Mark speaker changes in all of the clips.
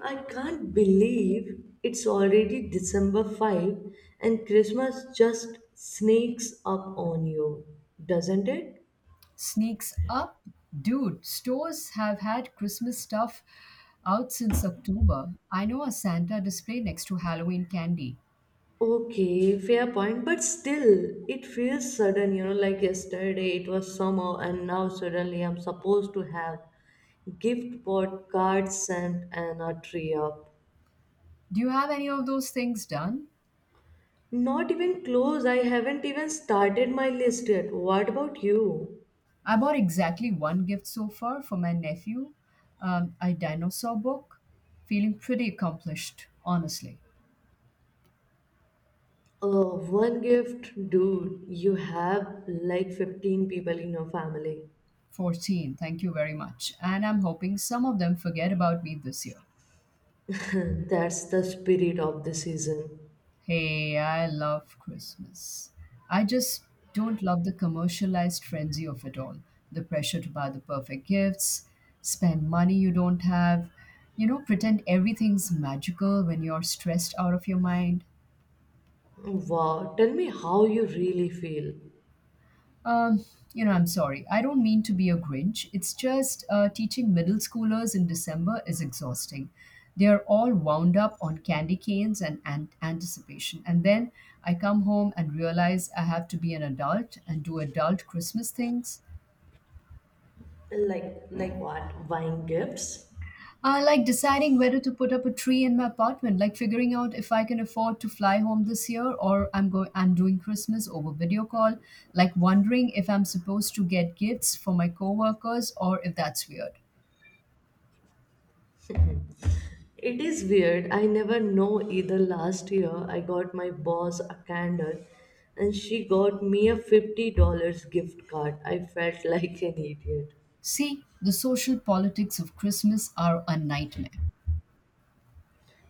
Speaker 1: I can't believe it's already December 5, and Christmas just sneaks up on you, doesn't it?
Speaker 2: Sneaks up. Dude, stores have had Christmas stuff out since October. I know, a Santa display next to Halloween candy.
Speaker 1: Okay, fair point, but still, it feels sudden, like yesterday it was summer and now suddenly I'm supposed to have gift bought, cards sent, and a tree up.
Speaker 2: Do you have any of those things done?
Speaker 1: Not even close, I haven't even started my list yet. What about you?
Speaker 2: I bought exactly one gift so far for my nephew, a dinosaur book. Feeling pretty accomplished, honestly.
Speaker 1: One gift, dude, you have like 15 people in your family.
Speaker 2: 14, thank you very much. And I'm hoping some of them forget about me this year.
Speaker 1: That's the spirit of the season.
Speaker 2: Hey, I love Christmas. I just don't love the commercialized frenzy of it all. The pressure to buy the perfect gifts, spend money you don't have, pretend everything's magical when you're stressed out of your mind.
Speaker 1: Wow, tell me how you really feel.
Speaker 2: Um, I'm sorry. I don't mean to be a Grinch. It's just teaching middle schoolers in December is exhausting. They are all wound up on candy canes and anticipation. And then I come home and realize I have to be an adult and do adult Christmas things.
Speaker 1: Like what? Buying gifts?
Speaker 2: Like deciding whether to put up a tree in my apartment, like figuring out if I can afford to fly home this year or I'm doing Christmas over video call, like wondering if I'm supposed to get gifts for my coworkers or if that's weird.
Speaker 1: It is weird. I never know either. Last year, I got my boss a candle and she got me a $50 gift card. I felt like an idiot.
Speaker 2: See, the social politics of Christmas are a nightmare.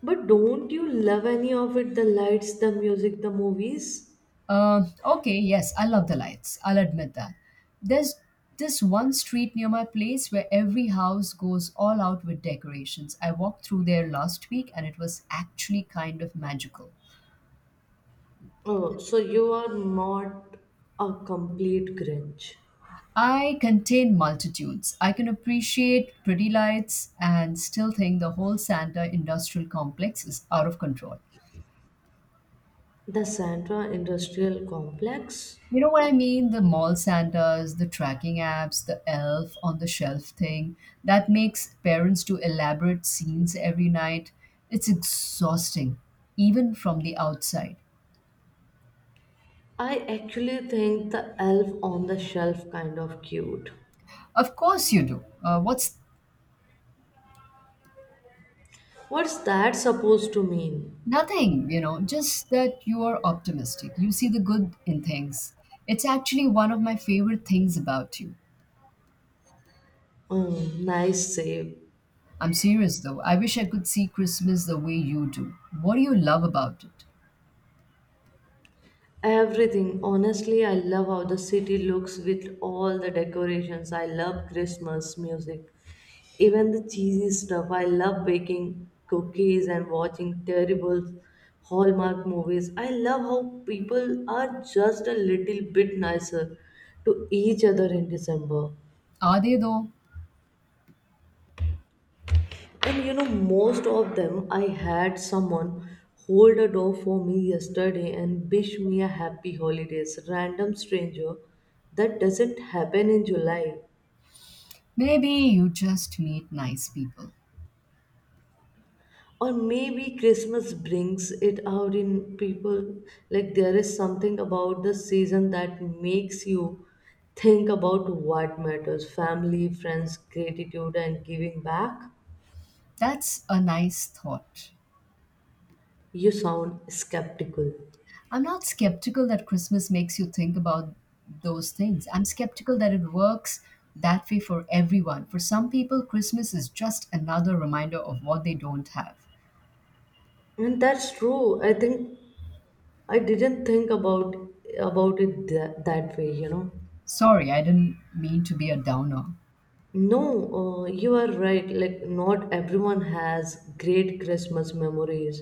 Speaker 1: But don't you love any of it? The lights, the music, the movies?
Speaker 2: Okay, yes, I love the lights. I'll admit that. There's this one street near my place where every house goes all out with decorations. I walked through there last week and it was actually kind of magical.
Speaker 1: Oh, so you are not a complete Grinch.
Speaker 2: I contain multitudes. I can appreciate pretty lights and still think the whole Santa industrial complex is out of control.
Speaker 1: The Santa Industrial Complex?
Speaker 2: You know what I mean? The mall Santas, the tracking apps, the elf on the shelf thing. That makes parents do elaborate scenes every night. It's exhausting, even from the outside.
Speaker 1: I actually think the elf on the shelf kind of cute.
Speaker 2: Of course you do. What's
Speaker 1: What's that supposed to mean?
Speaker 2: Nothing, you know, just that you are optimistic. You see the good in things. It's actually one of my favorite things about you.
Speaker 1: Oh, nice save.
Speaker 2: I'm serious though. I wish I could see Christmas the way you do. What do you love about it?
Speaker 1: Everything. Honestly, I love how the city looks with all the decorations. I love Christmas music. Even the cheesy stuff. I love baking cookies and watching terrible Hallmark movies. I love how people are just a little bit nicer to each other in December.
Speaker 2: Are they though?
Speaker 1: And you know, most of them, I had someone hold a door for me yesterday and wish me a happy holidays. Random stranger. That doesn't happen in July.
Speaker 2: Maybe you just meet nice people.
Speaker 1: Or maybe Christmas brings it out in people. Like there is something about the season that makes you think about what matters: family, friends, gratitude, and giving back.
Speaker 2: That's a nice thought.
Speaker 1: You sound skeptical.
Speaker 2: I'm not skeptical that Christmas makes you think about those things. I'm skeptical that it works that way for everyone. For some people, Christmas is just another reminder of what they don't have.
Speaker 1: And that's true. I think I didn't think about it that way, you know.
Speaker 2: Sorry, I didn't mean to be a downer.
Speaker 1: No, you are right. Like not everyone has great Christmas memories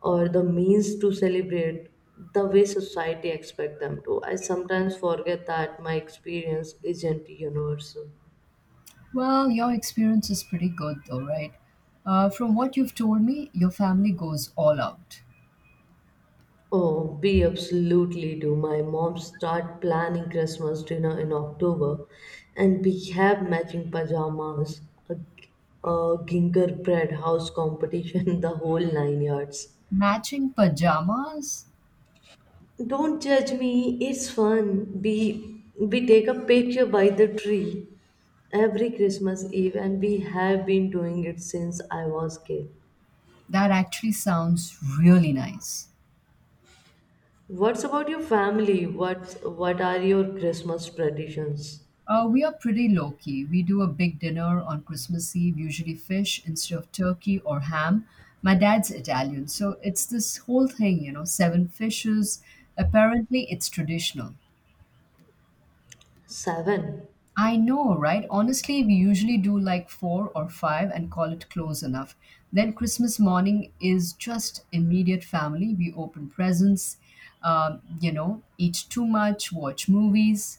Speaker 1: or the means to celebrate the way society expect them to. I sometimes forget that my experience isn't universal.
Speaker 2: Well, your experience is pretty good, though, right? From what you've told me, your family goes all out.
Speaker 1: Oh, we absolutely do. My mom start planning Christmas dinner in October, and we have matching pajamas, a gingerbread house competition, the whole nine yards.
Speaker 2: Matching pajamas?
Speaker 1: Don't judge me. It's fun. We take a picture by the tree every Christmas Eve, and we have been doing it since I was kid.
Speaker 2: That actually sounds really nice.
Speaker 1: What's about your family? What are your Christmas traditions?
Speaker 2: We are pretty low key. We do a big dinner on Christmas Eve, usually fish instead of turkey or ham. My dad's Italian, so it's this whole thing, you know, seven fishes. Apparently, it's traditional.
Speaker 1: Seven.
Speaker 2: I know, right? Honestly, we usually do like four or five and call it close enough. Then Christmas morning is just immediate family. We open presents, you know, eat too much, watch movies.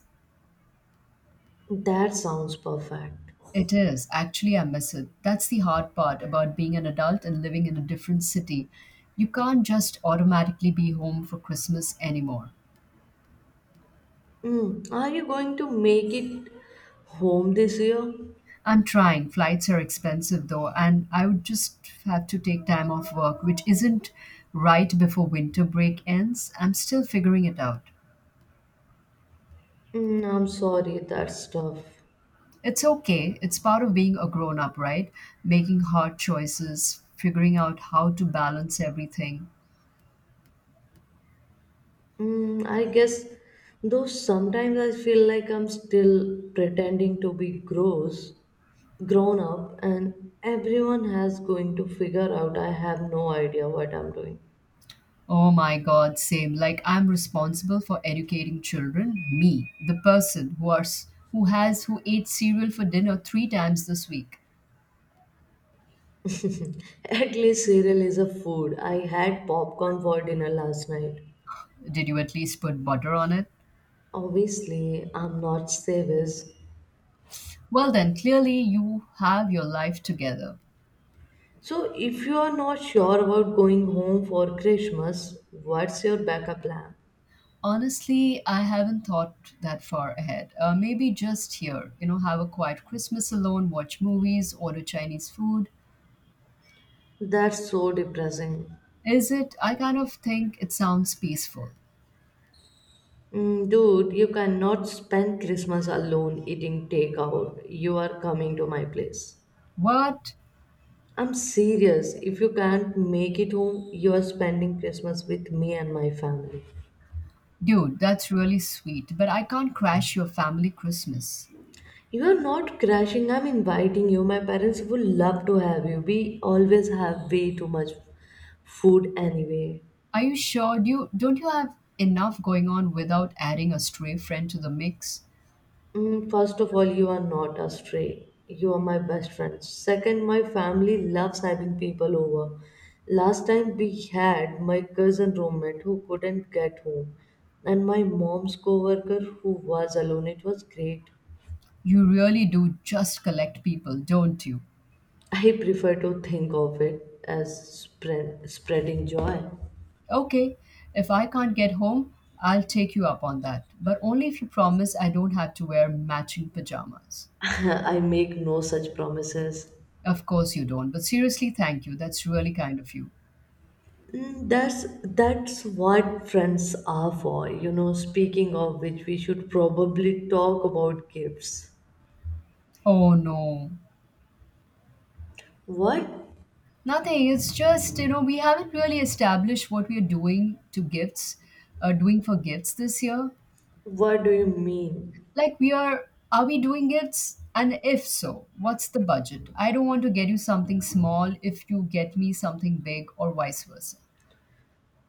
Speaker 1: That sounds perfect.
Speaker 2: It is. Actually, I miss it. That's the hard part about being an adult and living in a different city. You can't just automatically be home for Christmas anymore.
Speaker 1: Mm, are you going to make it home this year?
Speaker 2: I'm trying. Flights are expensive though, and I would just have to take time off work, which isn't right before winter break ends. I'm still figuring it out.
Speaker 1: Mm, I'm sorry, that's tough.
Speaker 2: It's okay. It's part of being a grown up, right? Making hard choices, figuring out how to balance everything.
Speaker 1: Mm, I guess, though sometimes I feel like I'm still pretending to be grown up, and everyone has going to figure out I have no idea what I'm doing.
Speaker 2: Oh my god, same. Like I'm responsible for educating children, me, the person who are, s- who ate cereal for dinner 3 times this week.
Speaker 1: At least cereal is a food. I had popcorn for dinner last night.
Speaker 2: Did you at least put butter on it?
Speaker 1: Obviously, I'm not savage.
Speaker 2: Well then, clearly you have your life together.
Speaker 1: So, if you are not sure about going home for Christmas, what's your backup plan?
Speaker 2: Honestly, I haven't thought that far ahead. Maybe just here, you know, have a quiet Christmas alone, watch movies, order Chinese food.
Speaker 1: That's so depressing.
Speaker 2: Is it? I kind of think it sounds peaceful.
Speaker 1: Mm, dude, you cannot spend Christmas alone eating takeout. You are coming to my place.
Speaker 2: What?
Speaker 1: I'm serious. If you can't make it home, you are spending Christmas with me and my family.
Speaker 2: Dude, that's really sweet, but I can't crash your family Christmas.
Speaker 1: You are not crashing. I'm inviting you. My parents would love to have you. We always have way too much food anyway.
Speaker 2: Are you sure? Do you Don't you have enough going on without adding a stray friend to the mix?
Speaker 1: Mm, first of all, you are not astray. You are my best friend. Second, my family loves having people over. Last time we had my cousin roommate who couldn't get home, and my mom's coworker who was alone. It was great.
Speaker 2: You really do just collect people, don't you?
Speaker 1: I prefer to think of it as spreading joy.
Speaker 2: Okay, if I can't get home, I'll take you up on that, but only if you promise I don't have to wear matching pajamas.
Speaker 1: I make no such promises.
Speaker 2: Of course you don't, but seriously, thank you. That's really kind of you.
Speaker 1: Mm, that's what friends are for, you know. Speaking of which, we should probably talk about gifts.
Speaker 2: Oh no.
Speaker 1: What?
Speaker 2: Nothing. It's just, you know, we haven't really established what we're doing to gifts, doing for gifts this year.
Speaker 1: What do you mean?
Speaker 2: Like, are we doing gifts? And if so, what's the budget? I don't want to get you something small if you get me something big or vice versa.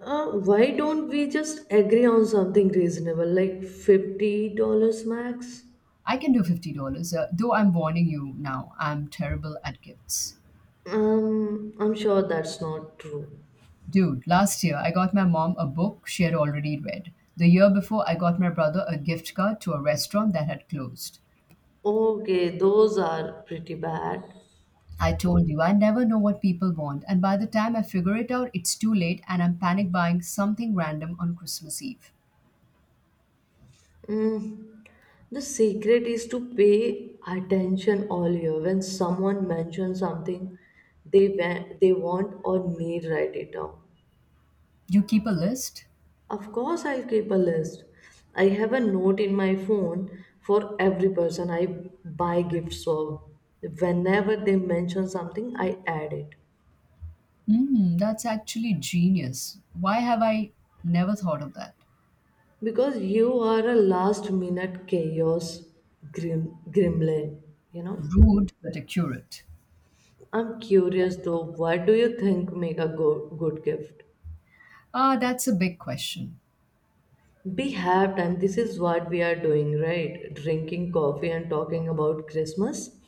Speaker 1: Why don't we just agree on something reasonable, like $50 max?
Speaker 2: I can do $50, though I'm warning you now, I'm terrible at gifts.
Speaker 1: I'm sure that's not true.
Speaker 2: Dude, last year I got my mom a book she had already read. The year before, I got my brother a gift card to a restaurant that had closed.
Speaker 1: Okay, those are pretty bad.
Speaker 2: I told you, I never know what people want, and by the time I figure it out, it's too late and I'm panic buying something random on Christmas Eve.
Speaker 1: The secret is to pay attention all year. When someone mentions something they want or need, write it down.
Speaker 2: You keep a list?
Speaker 1: Of course, I'll keep a list. I have a note in my phone for every person I buy gifts for. Whenever they mention something, I add it.
Speaker 2: That's actually genius. Why have I never thought of that?
Speaker 1: Because you are a last minute chaos gremlin, you know.
Speaker 2: Rude but accurate.
Speaker 1: I'm curious though, what do you think make a good gift?
Speaker 2: Ah, that's a big question.
Speaker 1: We have time. This is what we are doing, right? Drinking coffee and talking about Christmas.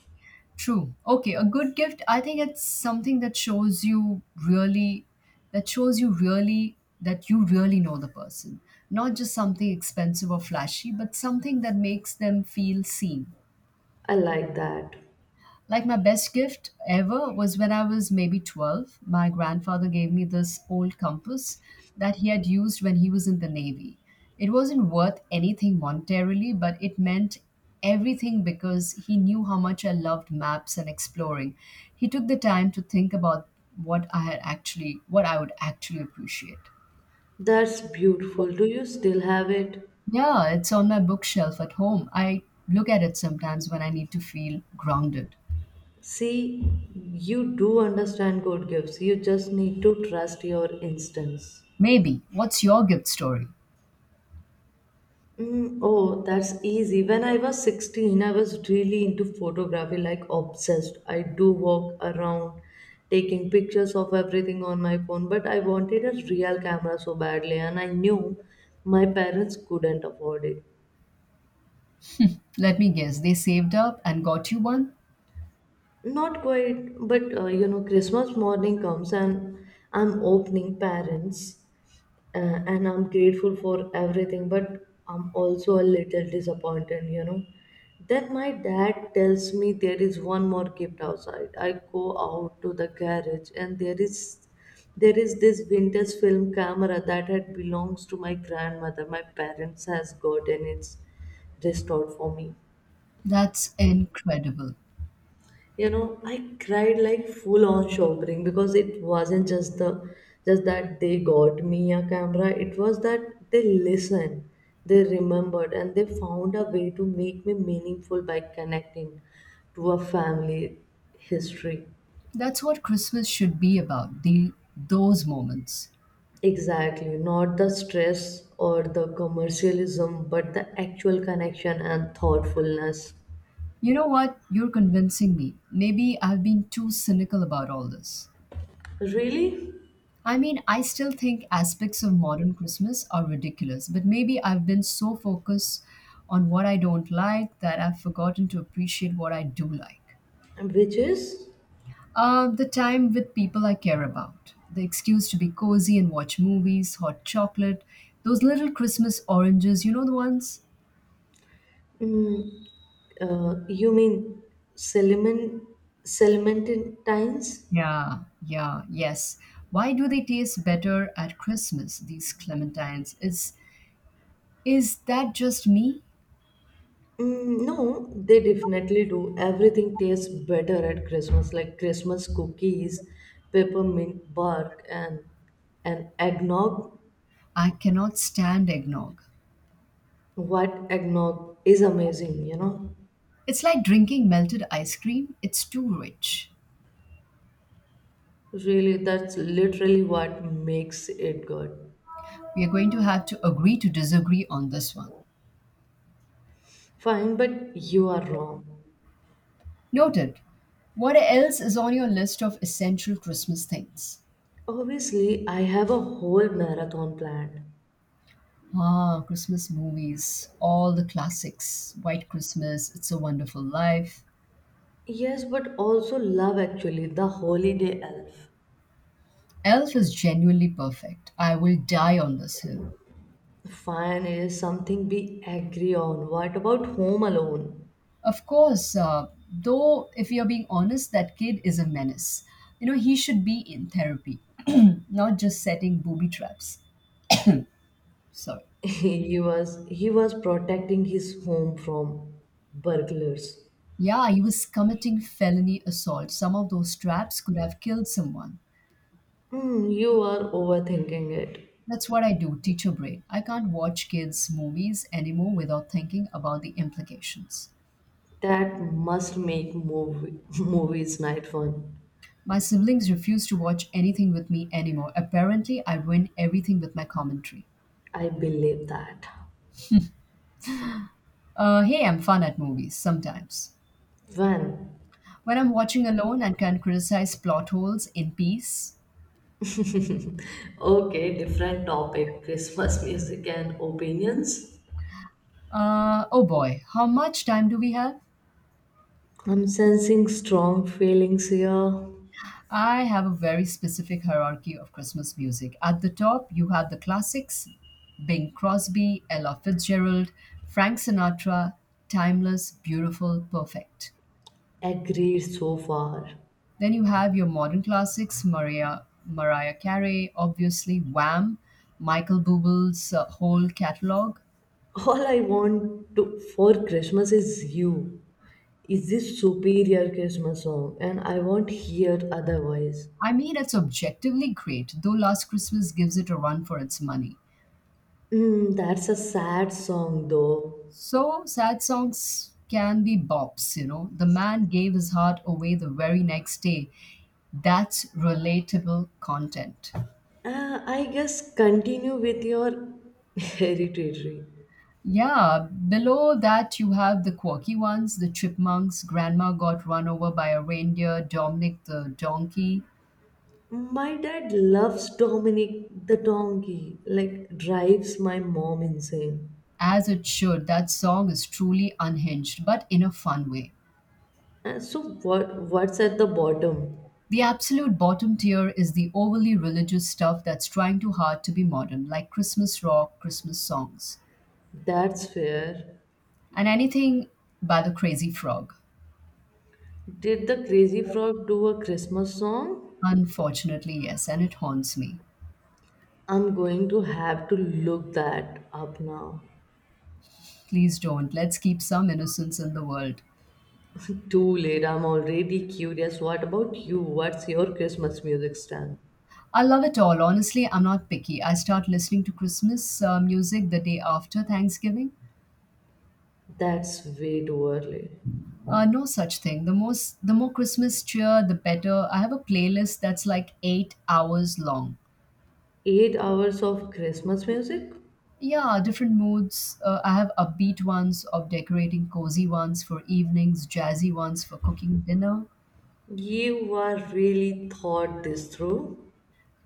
Speaker 2: True. Okay, a good gift, I think it's something really, that shows you really, that you really know the person. Not just something expensive or flashy, but something that makes them feel seen.
Speaker 1: I like that.
Speaker 2: Like my best gift ever was when I was maybe 12. My grandfather gave me this old compass that he had used when he was in the Navy. It wasn't worth anything monetarily, but it meant everything because he knew how much I loved maps and exploring. He took the time to think about what I would actually appreciate.
Speaker 1: That's beautiful. Do you still have it?
Speaker 2: Yeah, it's on my bookshelf at home. I look at it sometimes when I need to feel grounded.
Speaker 1: See, you do understand God gives. You just need to trust your instincts.
Speaker 2: Maybe. What's your gift story?
Speaker 1: Mm, oh, that's easy. When I was 16, I was really into photography, like obsessed. I do walk around taking pictures of everything on my phone, but I wanted a real camera so badly, and I knew my parents couldn't afford it.
Speaker 2: Let me guess, they saved up and got you one?
Speaker 1: Not quite, but you know, Christmas morning comes and I'm opening parents and I'm grateful for everything, but I'm also a little disappointed, you know. Then my dad tells me there is one more gift outside. I go out to the garage and there is this vintage film camera that had belongs to my grandmother. My parents has gotten it restored for me.
Speaker 2: That's incredible.
Speaker 1: You know, I cried like full on shopping because it wasn't just that they got me a camera, it was that they listened, they remembered, and they found a way to make me meaningful by connecting to a family history.
Speaker 2: That's what Christmas should be about, the those moments.
Speaker 1: Exactly, not the stress or the commercialism but the actual connection and thoughtfulness.
Speaker 2: You know what? You're convincing me. Maybe I've been too cynical about all this.
Speaker 1: Really?
Speaker 2: I mean, I still think aspects of modern Christmas are ridiculous, but maybe I've been so focused on what I don't like that I've forgotten to appreciate what I do like.
Speaker 1: Which is?
Speaker 2: The time with people I care about. The excuse to be cozy and watch movies, hot chocolate, those little Christmas oranges, you know the ones?
Speaker 1: Mm, you mean Salmon, Salmantines?
Speaker 2: Yeah, yeah, yes. Why do they taste better at Christmas, these clementines? Is that just me?
Speaker 1: Mm, no, they definitely do. Everything tastes better at Christmas, like Christmas cookies, peppermint bark, and eggnog.
Speaker 2: I cannot stand eggnog.
Speaker 1: What, eggnog is amazing, you know.
Speaker 2: It's like drinking melted ice cream. It's too rich.
Speaker 1: Really, that's literally what makes it good.
Speaker 2: We are going to have to agree to disagree on this one.
Speaker 1: Fine, but you are wrong.
Speaker 2: Noted. What else is on your list of essential Christmas things?
Speaker 1: Obviously, I have a whole marathon planned.
Speaker 2: Ah, Christmas movies, all the classics. White Christmas, It's a Wonderful Life.
Speaker 1: Yes, but also love actually, the holiday elf.
Speaker 2: Elf is genuinely perfect. I will die on this hill.
Speaker 1: Fine is something we agree on. What about home alone?
Speaker 2: Of course, though, if you're being honest, that kid is a menace. You know, he should be in therapy, not just setting booby traps. Sorry.
Speaker 1: He was protecting his home from burglars.
Speaker 2: Yeah, he was committing felony assault. Some of those traps could have killed someone.
Speaker 1: Hmm, you are overthinking it.
Speaker 2: That's what I do, teacher brain. I can't watch kids' movies anymore without thinking about the implications.
Speaker 1: That must make movie movies night fun.
Speaker 2: My siblings refuse to watch anything with me anymore. Apparently, I ruin everything with my commentary.
Speaker 1: I believe that.
Speaker 2: Hey, I'm fun at movies sometimes.
Speaker 1: When?
Speaker 2: When I'm watching alone and can criticize plot holes in peace.
Speaker 1: Okay, different topic. Christmas music and opinions.
Speaker 2: Oh boy, how much time do we have?
Speaker 1: I'm sensing strong feelings here.
Speaker 2: I have a very specific hierarchy of Christmas music. At the top, you have the classics: Bing Crosby, Ella Fitzgerald, Frank Sinatra. Timeless, beautiful, perfect.
Speaker 1: Agreed so far.
Speaker 2: Then you have your modern classics, Mariah Carey, obviously Wham, Michael Buble's whole catalog.
Speaker 1: All I want to, for Christmas is you. Is this superior Christmas song? And I won't hear otherwise.
Speaker 2: I mean, it's objectively great, though Last Christmas gives it a run for its money.
Speaker 1: Mm, that's a sad song though.
Speaker 2: So, sad songs can be bops, you know. The man gave his heart away the very next day. That's relatable content.
Speaker 1: I guess continue with your hereditary.
Speaker 2: Yeah, below that you have the quirky ones, the chipmunks, grandma got run over by a reindeer, Dominic the donkey.
Speaker 1: My dad loves Dominic the donkey, like drives my mom insane.
Speaker 2: As it should, that song is truly unhinged, but in a fun way.
Speaker 1: What's at the bottom?
Speaker 2: The absolute bottom tier is the overly religious stuff that's trying too hard to be modern, like Christmas rock, Christmas songs,
Speaker 1: That's fair.
Speaker 2: and anything by the crazy frog.
Speaker 1: Did the Crazy Frog do a Christmas song?
Speaker 2: Unfortunately, yes, and it haunts me.
Speaker 1: I'm going to have to look that up now.
Speaker 2: Please don't. Let's keep some innocence in the world.
Speaker 1: Too late, I'm already curious. What about you? What's your Christmas music stand?
Speaker 2: I love it all. Honestly, I'm not picky. I start listening to Christmas music the day after Thanksgiving.
Speaker 1: That's way too early.
Speaker 2: No such thing. The more Christmas cheer, the better. I have a playlist that's like 8 hours long.
Speaker 1: 8 hours of Christmas music?
Speaker 2: Yeah, different moods. I have upbeat ones of decorating, cozy ones for evenings, jazzy ones for cooking dinner.
Speaker 1: You are really thought this through.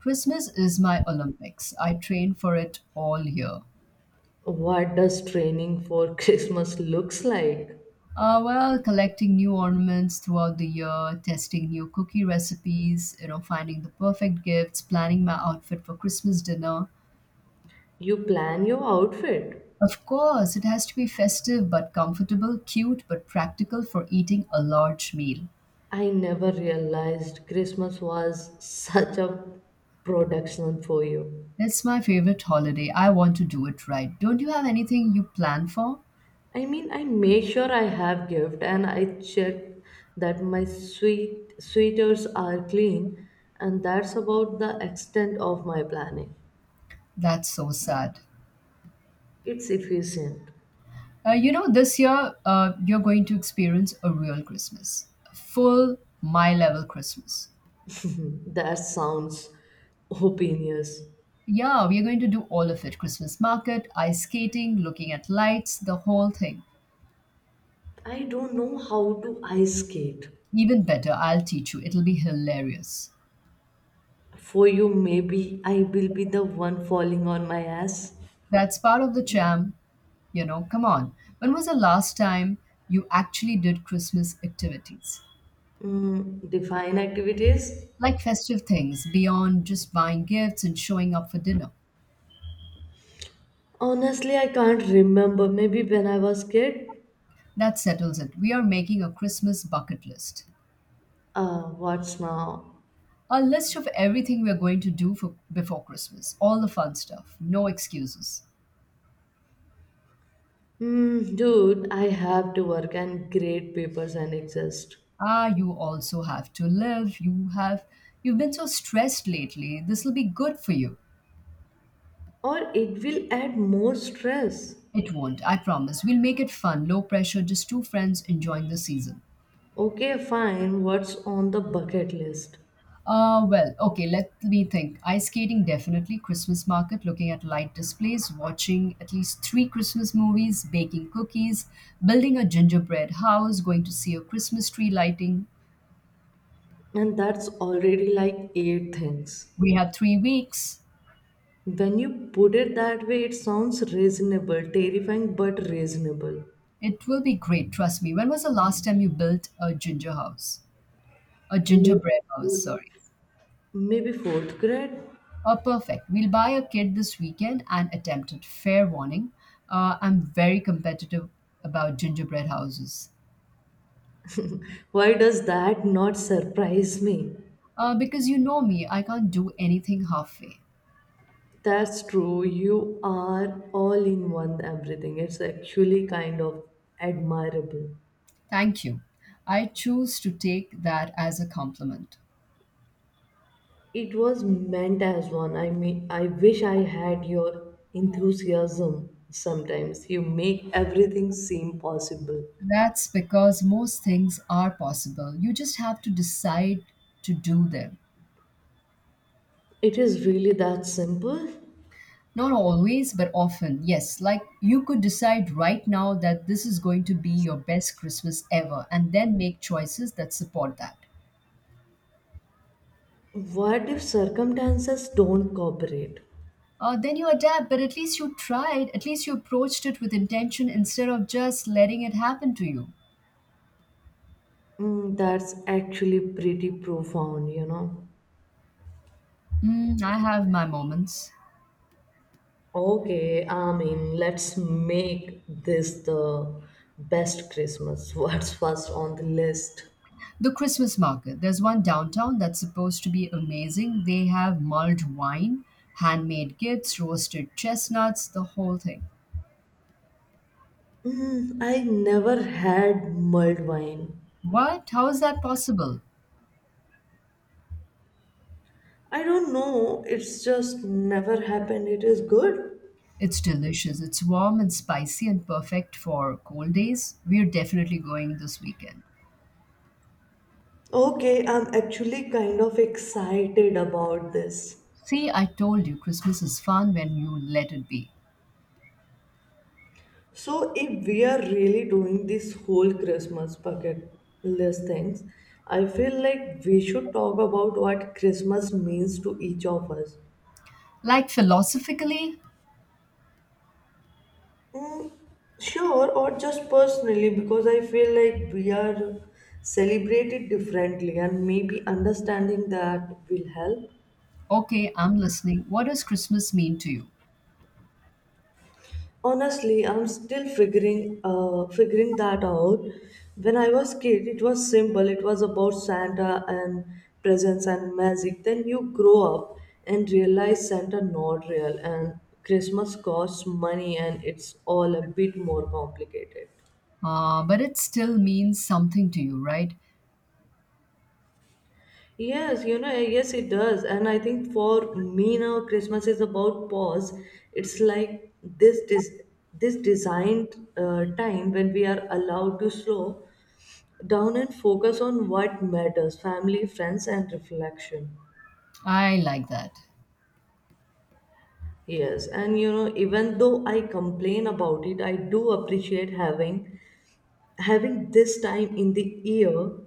Speaker 2: Christmas is my Olympics. I train for it all year.
Speaker 1: What does training for Christmas looks like?
Speaker 2: Well, collecting new ornaments throughout the year, testing new cookie recipes, you know, finding the perfect gifts, planning my outfit for Christmas dinner.
Speaker 1: You plan your outfit.
Speaker 2: Of course, it has to be festive but comfortable, cute but practical for eating a large meal.
Speaker 1: I never realized Christmas was such a production for you.
Speaker 2: It's my favorite holiday. I want to do it right. Don't you have anything you plan for?
Speaker 1: I mean, I make sure I have gift and I check that my sweet sweaters are clean, and that's about the extent of my planning.
Speaker 2: That's so sad.
Speaker 1: It's efficient.
Speaker 2: You know, this year you're going to experience a real Christmas, full my level Christmas.
Speaker 1: That sounds opinious.
Speaker 2: Yeah, we are going to do all of it: Christmas market, ice skating, looking at lights, the whole thing.
Speaker 1: I don't know how to ice skate.
Speaker 2: Even better, I'll teach you. It'll be hilarious.
Speaker 1: For you, maybe I will be the one falling on my ass.
Speaker 2: That's part of the charm. You know, come on. When was the last time you actually did Christmas activities?
Speaker 1: Mm, define activities.
Speaker 2: Like festive things beyond just buying gifts and showing up for dinner.
Speaker 1: Honestly, I can't remember. Maybe when I was kid.
Speaker 2: That settles it. We are making a Christmas bucket list.
Speaker 1: What's now?
Speaker 2: A list of everything we are going to do for before Christmas. All the fun stuff. No excuses.
Speaker 1: Hmm, dude, I have to work and grade papers and exist.
Speaker 2: Ah, you also have to live. You've been so stressed lately. This will be good for you.
Speaker 1: Or it will add more stress.
Speaker 2: It won't, I promise. We'll make it fun, low pressure, just two friends enjoying the season.
Speaker 1: Okay, fine. What's on the bucket list?
Speaker 2: Well, okay, let me think. Ice skating, definitely. Christmas market, looking at light displays, watching at least three Christmas movies, baking cookies, building a gingerbread house, going to see a Christmas tree lighting.
Speaker 1: And that's already like eight things.
Speaker 2: We have 3 weeks.
Speaker 1: When you put it that way, it sounds reasonable, terrifying but reasonable.
Speaker 2: It will be great, trust me. When was the last time you built a ginger house? A
Speaker 1: Maybe
Speaker 2: gingerbread house, sorry.
Speaker 1: fourth- Maybe fourth grade.
Speaker 2: Oh, perfect. We'll buy a kit this weekend and attempt it. Fair warning. I'm very competitive about gingerbread houses.
Speaker 1: Why does that not surprise me?
Speaker 2: Because you know me, I can't do anything halfway.
Speaker 1: That's true. You are all in one everything. It's actually kind of admirable.
Speaker 2: Thank you. I choose to take that as a compliment.
Speaker 1: It was meant as one. I mean, I wish I had your enthusiasm sometimes. You make everything seem possible.
Speaker 2: That's because most things are possible. You just have to decide to do them.
Speaker 1: It is really that simple?
Speaker 2: Not always, but often. Yes, like you could decide right now that this is going to be your best Christmas ever and then make choices that support that.
Speaker 1: What if circumstances don't cooperate?
Speaker 2: Then you adapt, but at least you tried, at least you approached it with intention instead of just letting it happen to you.
Speaker 1: Mm, that's actually pretty profound, you know.
Speaker 2: Mm, I have my moments.
Speaker 1: Okay, I mean, let's make this the best Christmas. What's first on the list?
Speaker 2: The Christmas market. There's one downtown that's supposed to be amazing. They have mulled wine, handmade gifts, roasted chestnuts, the whole thing.
Speaker 1: Mm, I never had mulled wine.
Speaker 2: What? How is that possible?
Speaker 1: I don't know, it's just never happened. It is good.
Speaker 2: It's delicious. It's warm and spicy and perfect for cold days. We're definitely going this weekend.
Speaker 1: Okay, I'm actually kind of excited about this.
Speaker 2: See, I told you Christmas is fun when you let it be.
Speaker 1: So, if we are really doing this whole Christmas bucket list things, I feel like we should talk about what Christmas means to each of us.
Speaker 2: Like philosophically,
Speaker 1: Mm, sure, or just personally, because I feel like we are celebrated differently, and maybe understanding that will help.
Speaker 2: okay, I'm listening. What does Christmas mean to you?
Speaker 1: Honestly, I'm still figuring that out. When I was kid, it was simple. It was about Santa and presents and magic. Then you grow up and realize Santa not real, and Christmas costs money, and it's all a bit more complicated.
Speaker 2: But it still means something to you, right?
Speaker 1: Yes, you know, yes, it does. And I think for me now, Christmas is about pause. It's like this designed time when we are allowed to slow down and focus on what matters: family, friends, and reflection.
Speaker 2: I like that.
Speaker 1: Yes, and you know, even though I complain about it, I do appreciate having this time in the year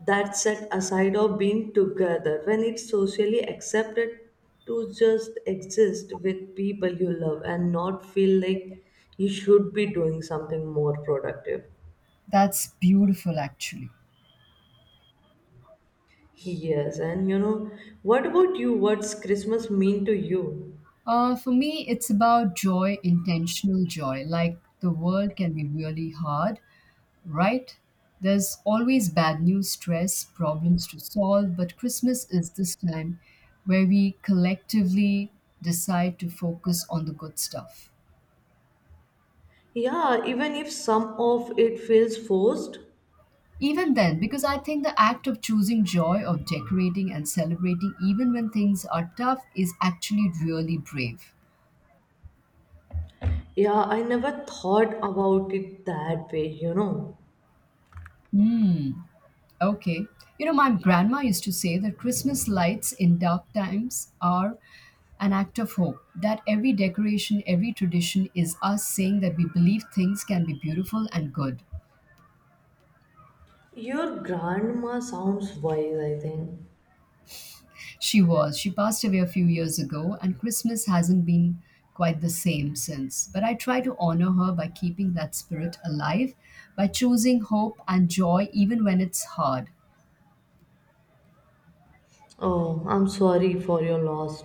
Speaker 1: that set aside of being together when it's socially accepted to just exist with people you love and not feel like you should be doing something more productive.
Speaker 2: That's beautiful, actually.
Speaker 1: Yes, and you know, what about you, what's Christmas mean to you?
Speaker 2: For me, it's about joy, intentional joy. Like the world can be really hard, right? There's always bad news, stress, problems to solve, but Christmas is this time where we collectively decide to focus on the good stuff.
Speaker 1: Yeah, even if some of it feels forced.
Speaker 2: Even then, because I think the act of choosing joy, of decorating and celebrating, even when things are tough, is actually really brave.
Speaker 1: Yeah, I never thought about it that way, you know.
Speaker 2: Hmm. Okay. You know, my grandma used to say that Christmas lights in dark times are an act of hope, that every decoration, every tradition is us saying that we believe things can be beautiful and good.
Speaker 1: Your grandma sounds wise, I think.
Speaker 2: She was. She passed away a few years ago, and Christmas hasn't been quite the same since. But I try to honor her by keeping that spirit alive, by choosing hope and joy even when it's hard.
Speaker 1: Oh, I'm sorry for your loss.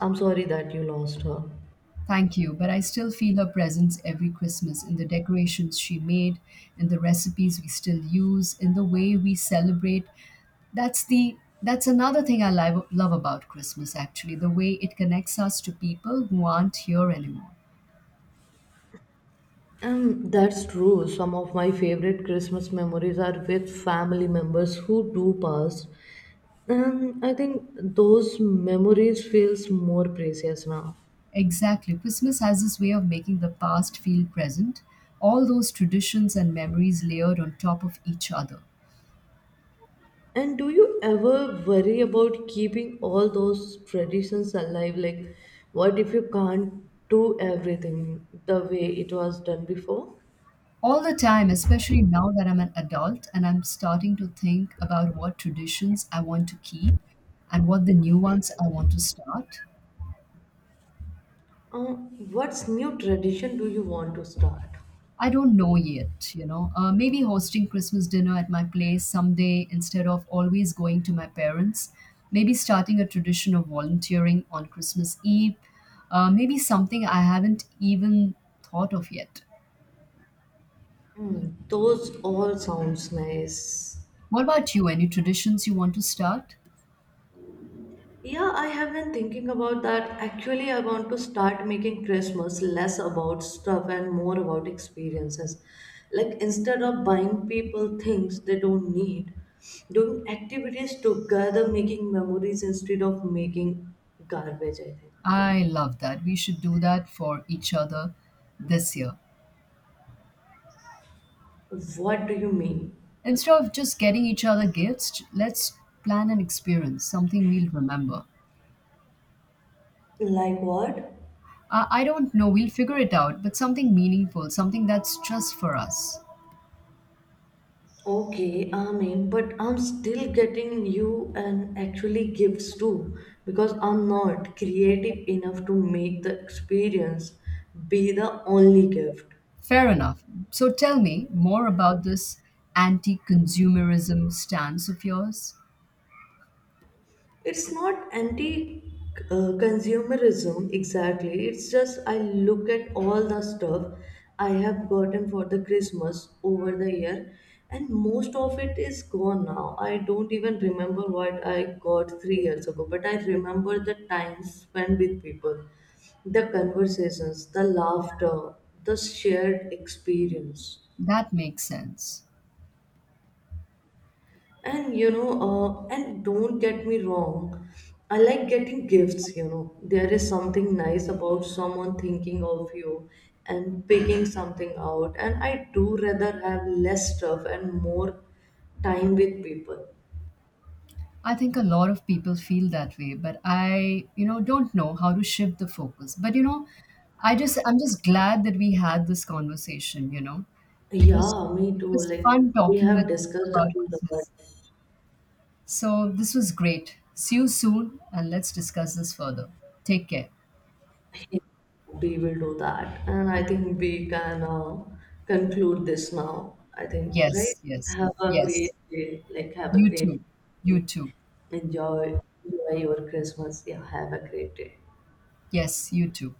Speaker 1: I'm sorry that you lost her.
Speaker 2: Thank you, but I still feel her presence every Christmas in the decorations she made, in the recipes we still use, in the way we celebrate. That's the that's another thing love about Christmas actually, the way it connects us to people who aren't here anymore.
Speaker 1: That's true. Some of my favorite Christmas memories are with family members who do pass. And I think those memories feels more precious now.
Speaker 2: Exactly. Christmas has this way of making the past feel present, all those traditions and memories layered on top of each other.
Speaker 1: And do you ever worry about keeping all those traditions alive? Like, what if you can't do everything the way it was done before?
Speaker 2: All the time, especially now that I'm an adult and I'm starting to think about what traditions I want to keep and what the new ones I want to start.
Speaker 1: Uh, what's new tradition do you want to start?
Speaker 2: I don't know yet, you know. Maybe hosting Christmas dinner at my place someday instead of always going to my parents. Maybe starting a tradition of volunteering on Christmas Eve. Maybe something I haven't even thought of yet.
Speaker 1: Mm, those all sounds nice.
Speaker 2: What about you? Any traditions you want to start?
Speaker 1: Yeah, I have been thinking about that. Actually, I want to start making Christmas less about stuff and more about experiences. Like instead of buying people things they don't need, doing activities together, making memories instead of making garbage, I think.
Speaker 2: I love that. We should do that for each other this year.
Speaker 1: What do you mean?
Speaker 2: Instead of just getting each other gifts, let's plan an experience, something we'll remember.
Speaker 1: Like what?
Speaker 2: I don't know, we'll figure it out, but something meaningful, something that's just for us.
Speaker 1: Okay, I mean, but I'm still getting you and actually gifts too because I'm not creative enough to make the experience be the only gift.
Speaker 2: Fair enough. So tell me more about this anti consumerism stance of yours.
Speaker 1: It's not anti consumerism exactly. It's just I look at all the stuff I have gotten for the Christmas over the year and most of it is gone now. I don't even remember what I got 3 years ago, but I remember the time spent with people, the conversations, the laughter, the shared experience.
Speaker 2: That makes sense.
Speaker 1: And you know, and don't get me wrong, I like getting gifts, you know. There is something nice about someone thinking of you and picking something out. And I do rather have less stuff and more time with people.
Speaker 2: I think a lot of people feel that way, but I, you know, don't know how to shift the focus. But you know, I'm just glad that we had this conversation, you know. It was
Speaker 1: Yeah, me
Speaker 2: it
Speaker 1: too.
Speaker 2: was
Speaker 1: Like
Speaker 2: fun
Speaker 1: we
Speaker 2: talking
Speaker 1: have
Speaker 2: with you
Speaker 1: discussed a
Speaker 2: about
Speaker 1: lot.
Speaker 2: Christmas. So this was great. See you soon and let's discuss this further. Take care.
Speaker 1: We will do that. And I think we can conclude this now. I think,
Speaker 2: Yes,
Speaker 1: right?
Speaker 2: yes,
Speaker 1: Have a
Speaker 2: yes.
Speaker 1: great day. Like, have a
Speaker 2: You
Speaker 1: great
Speaker 2: too.
Speaker 1: day.
Speaker 2: You too.
Speaker 1: Enjoy, enjoy your Christmas. Yeah, have a great day.
Speaker 2: Yes, you too.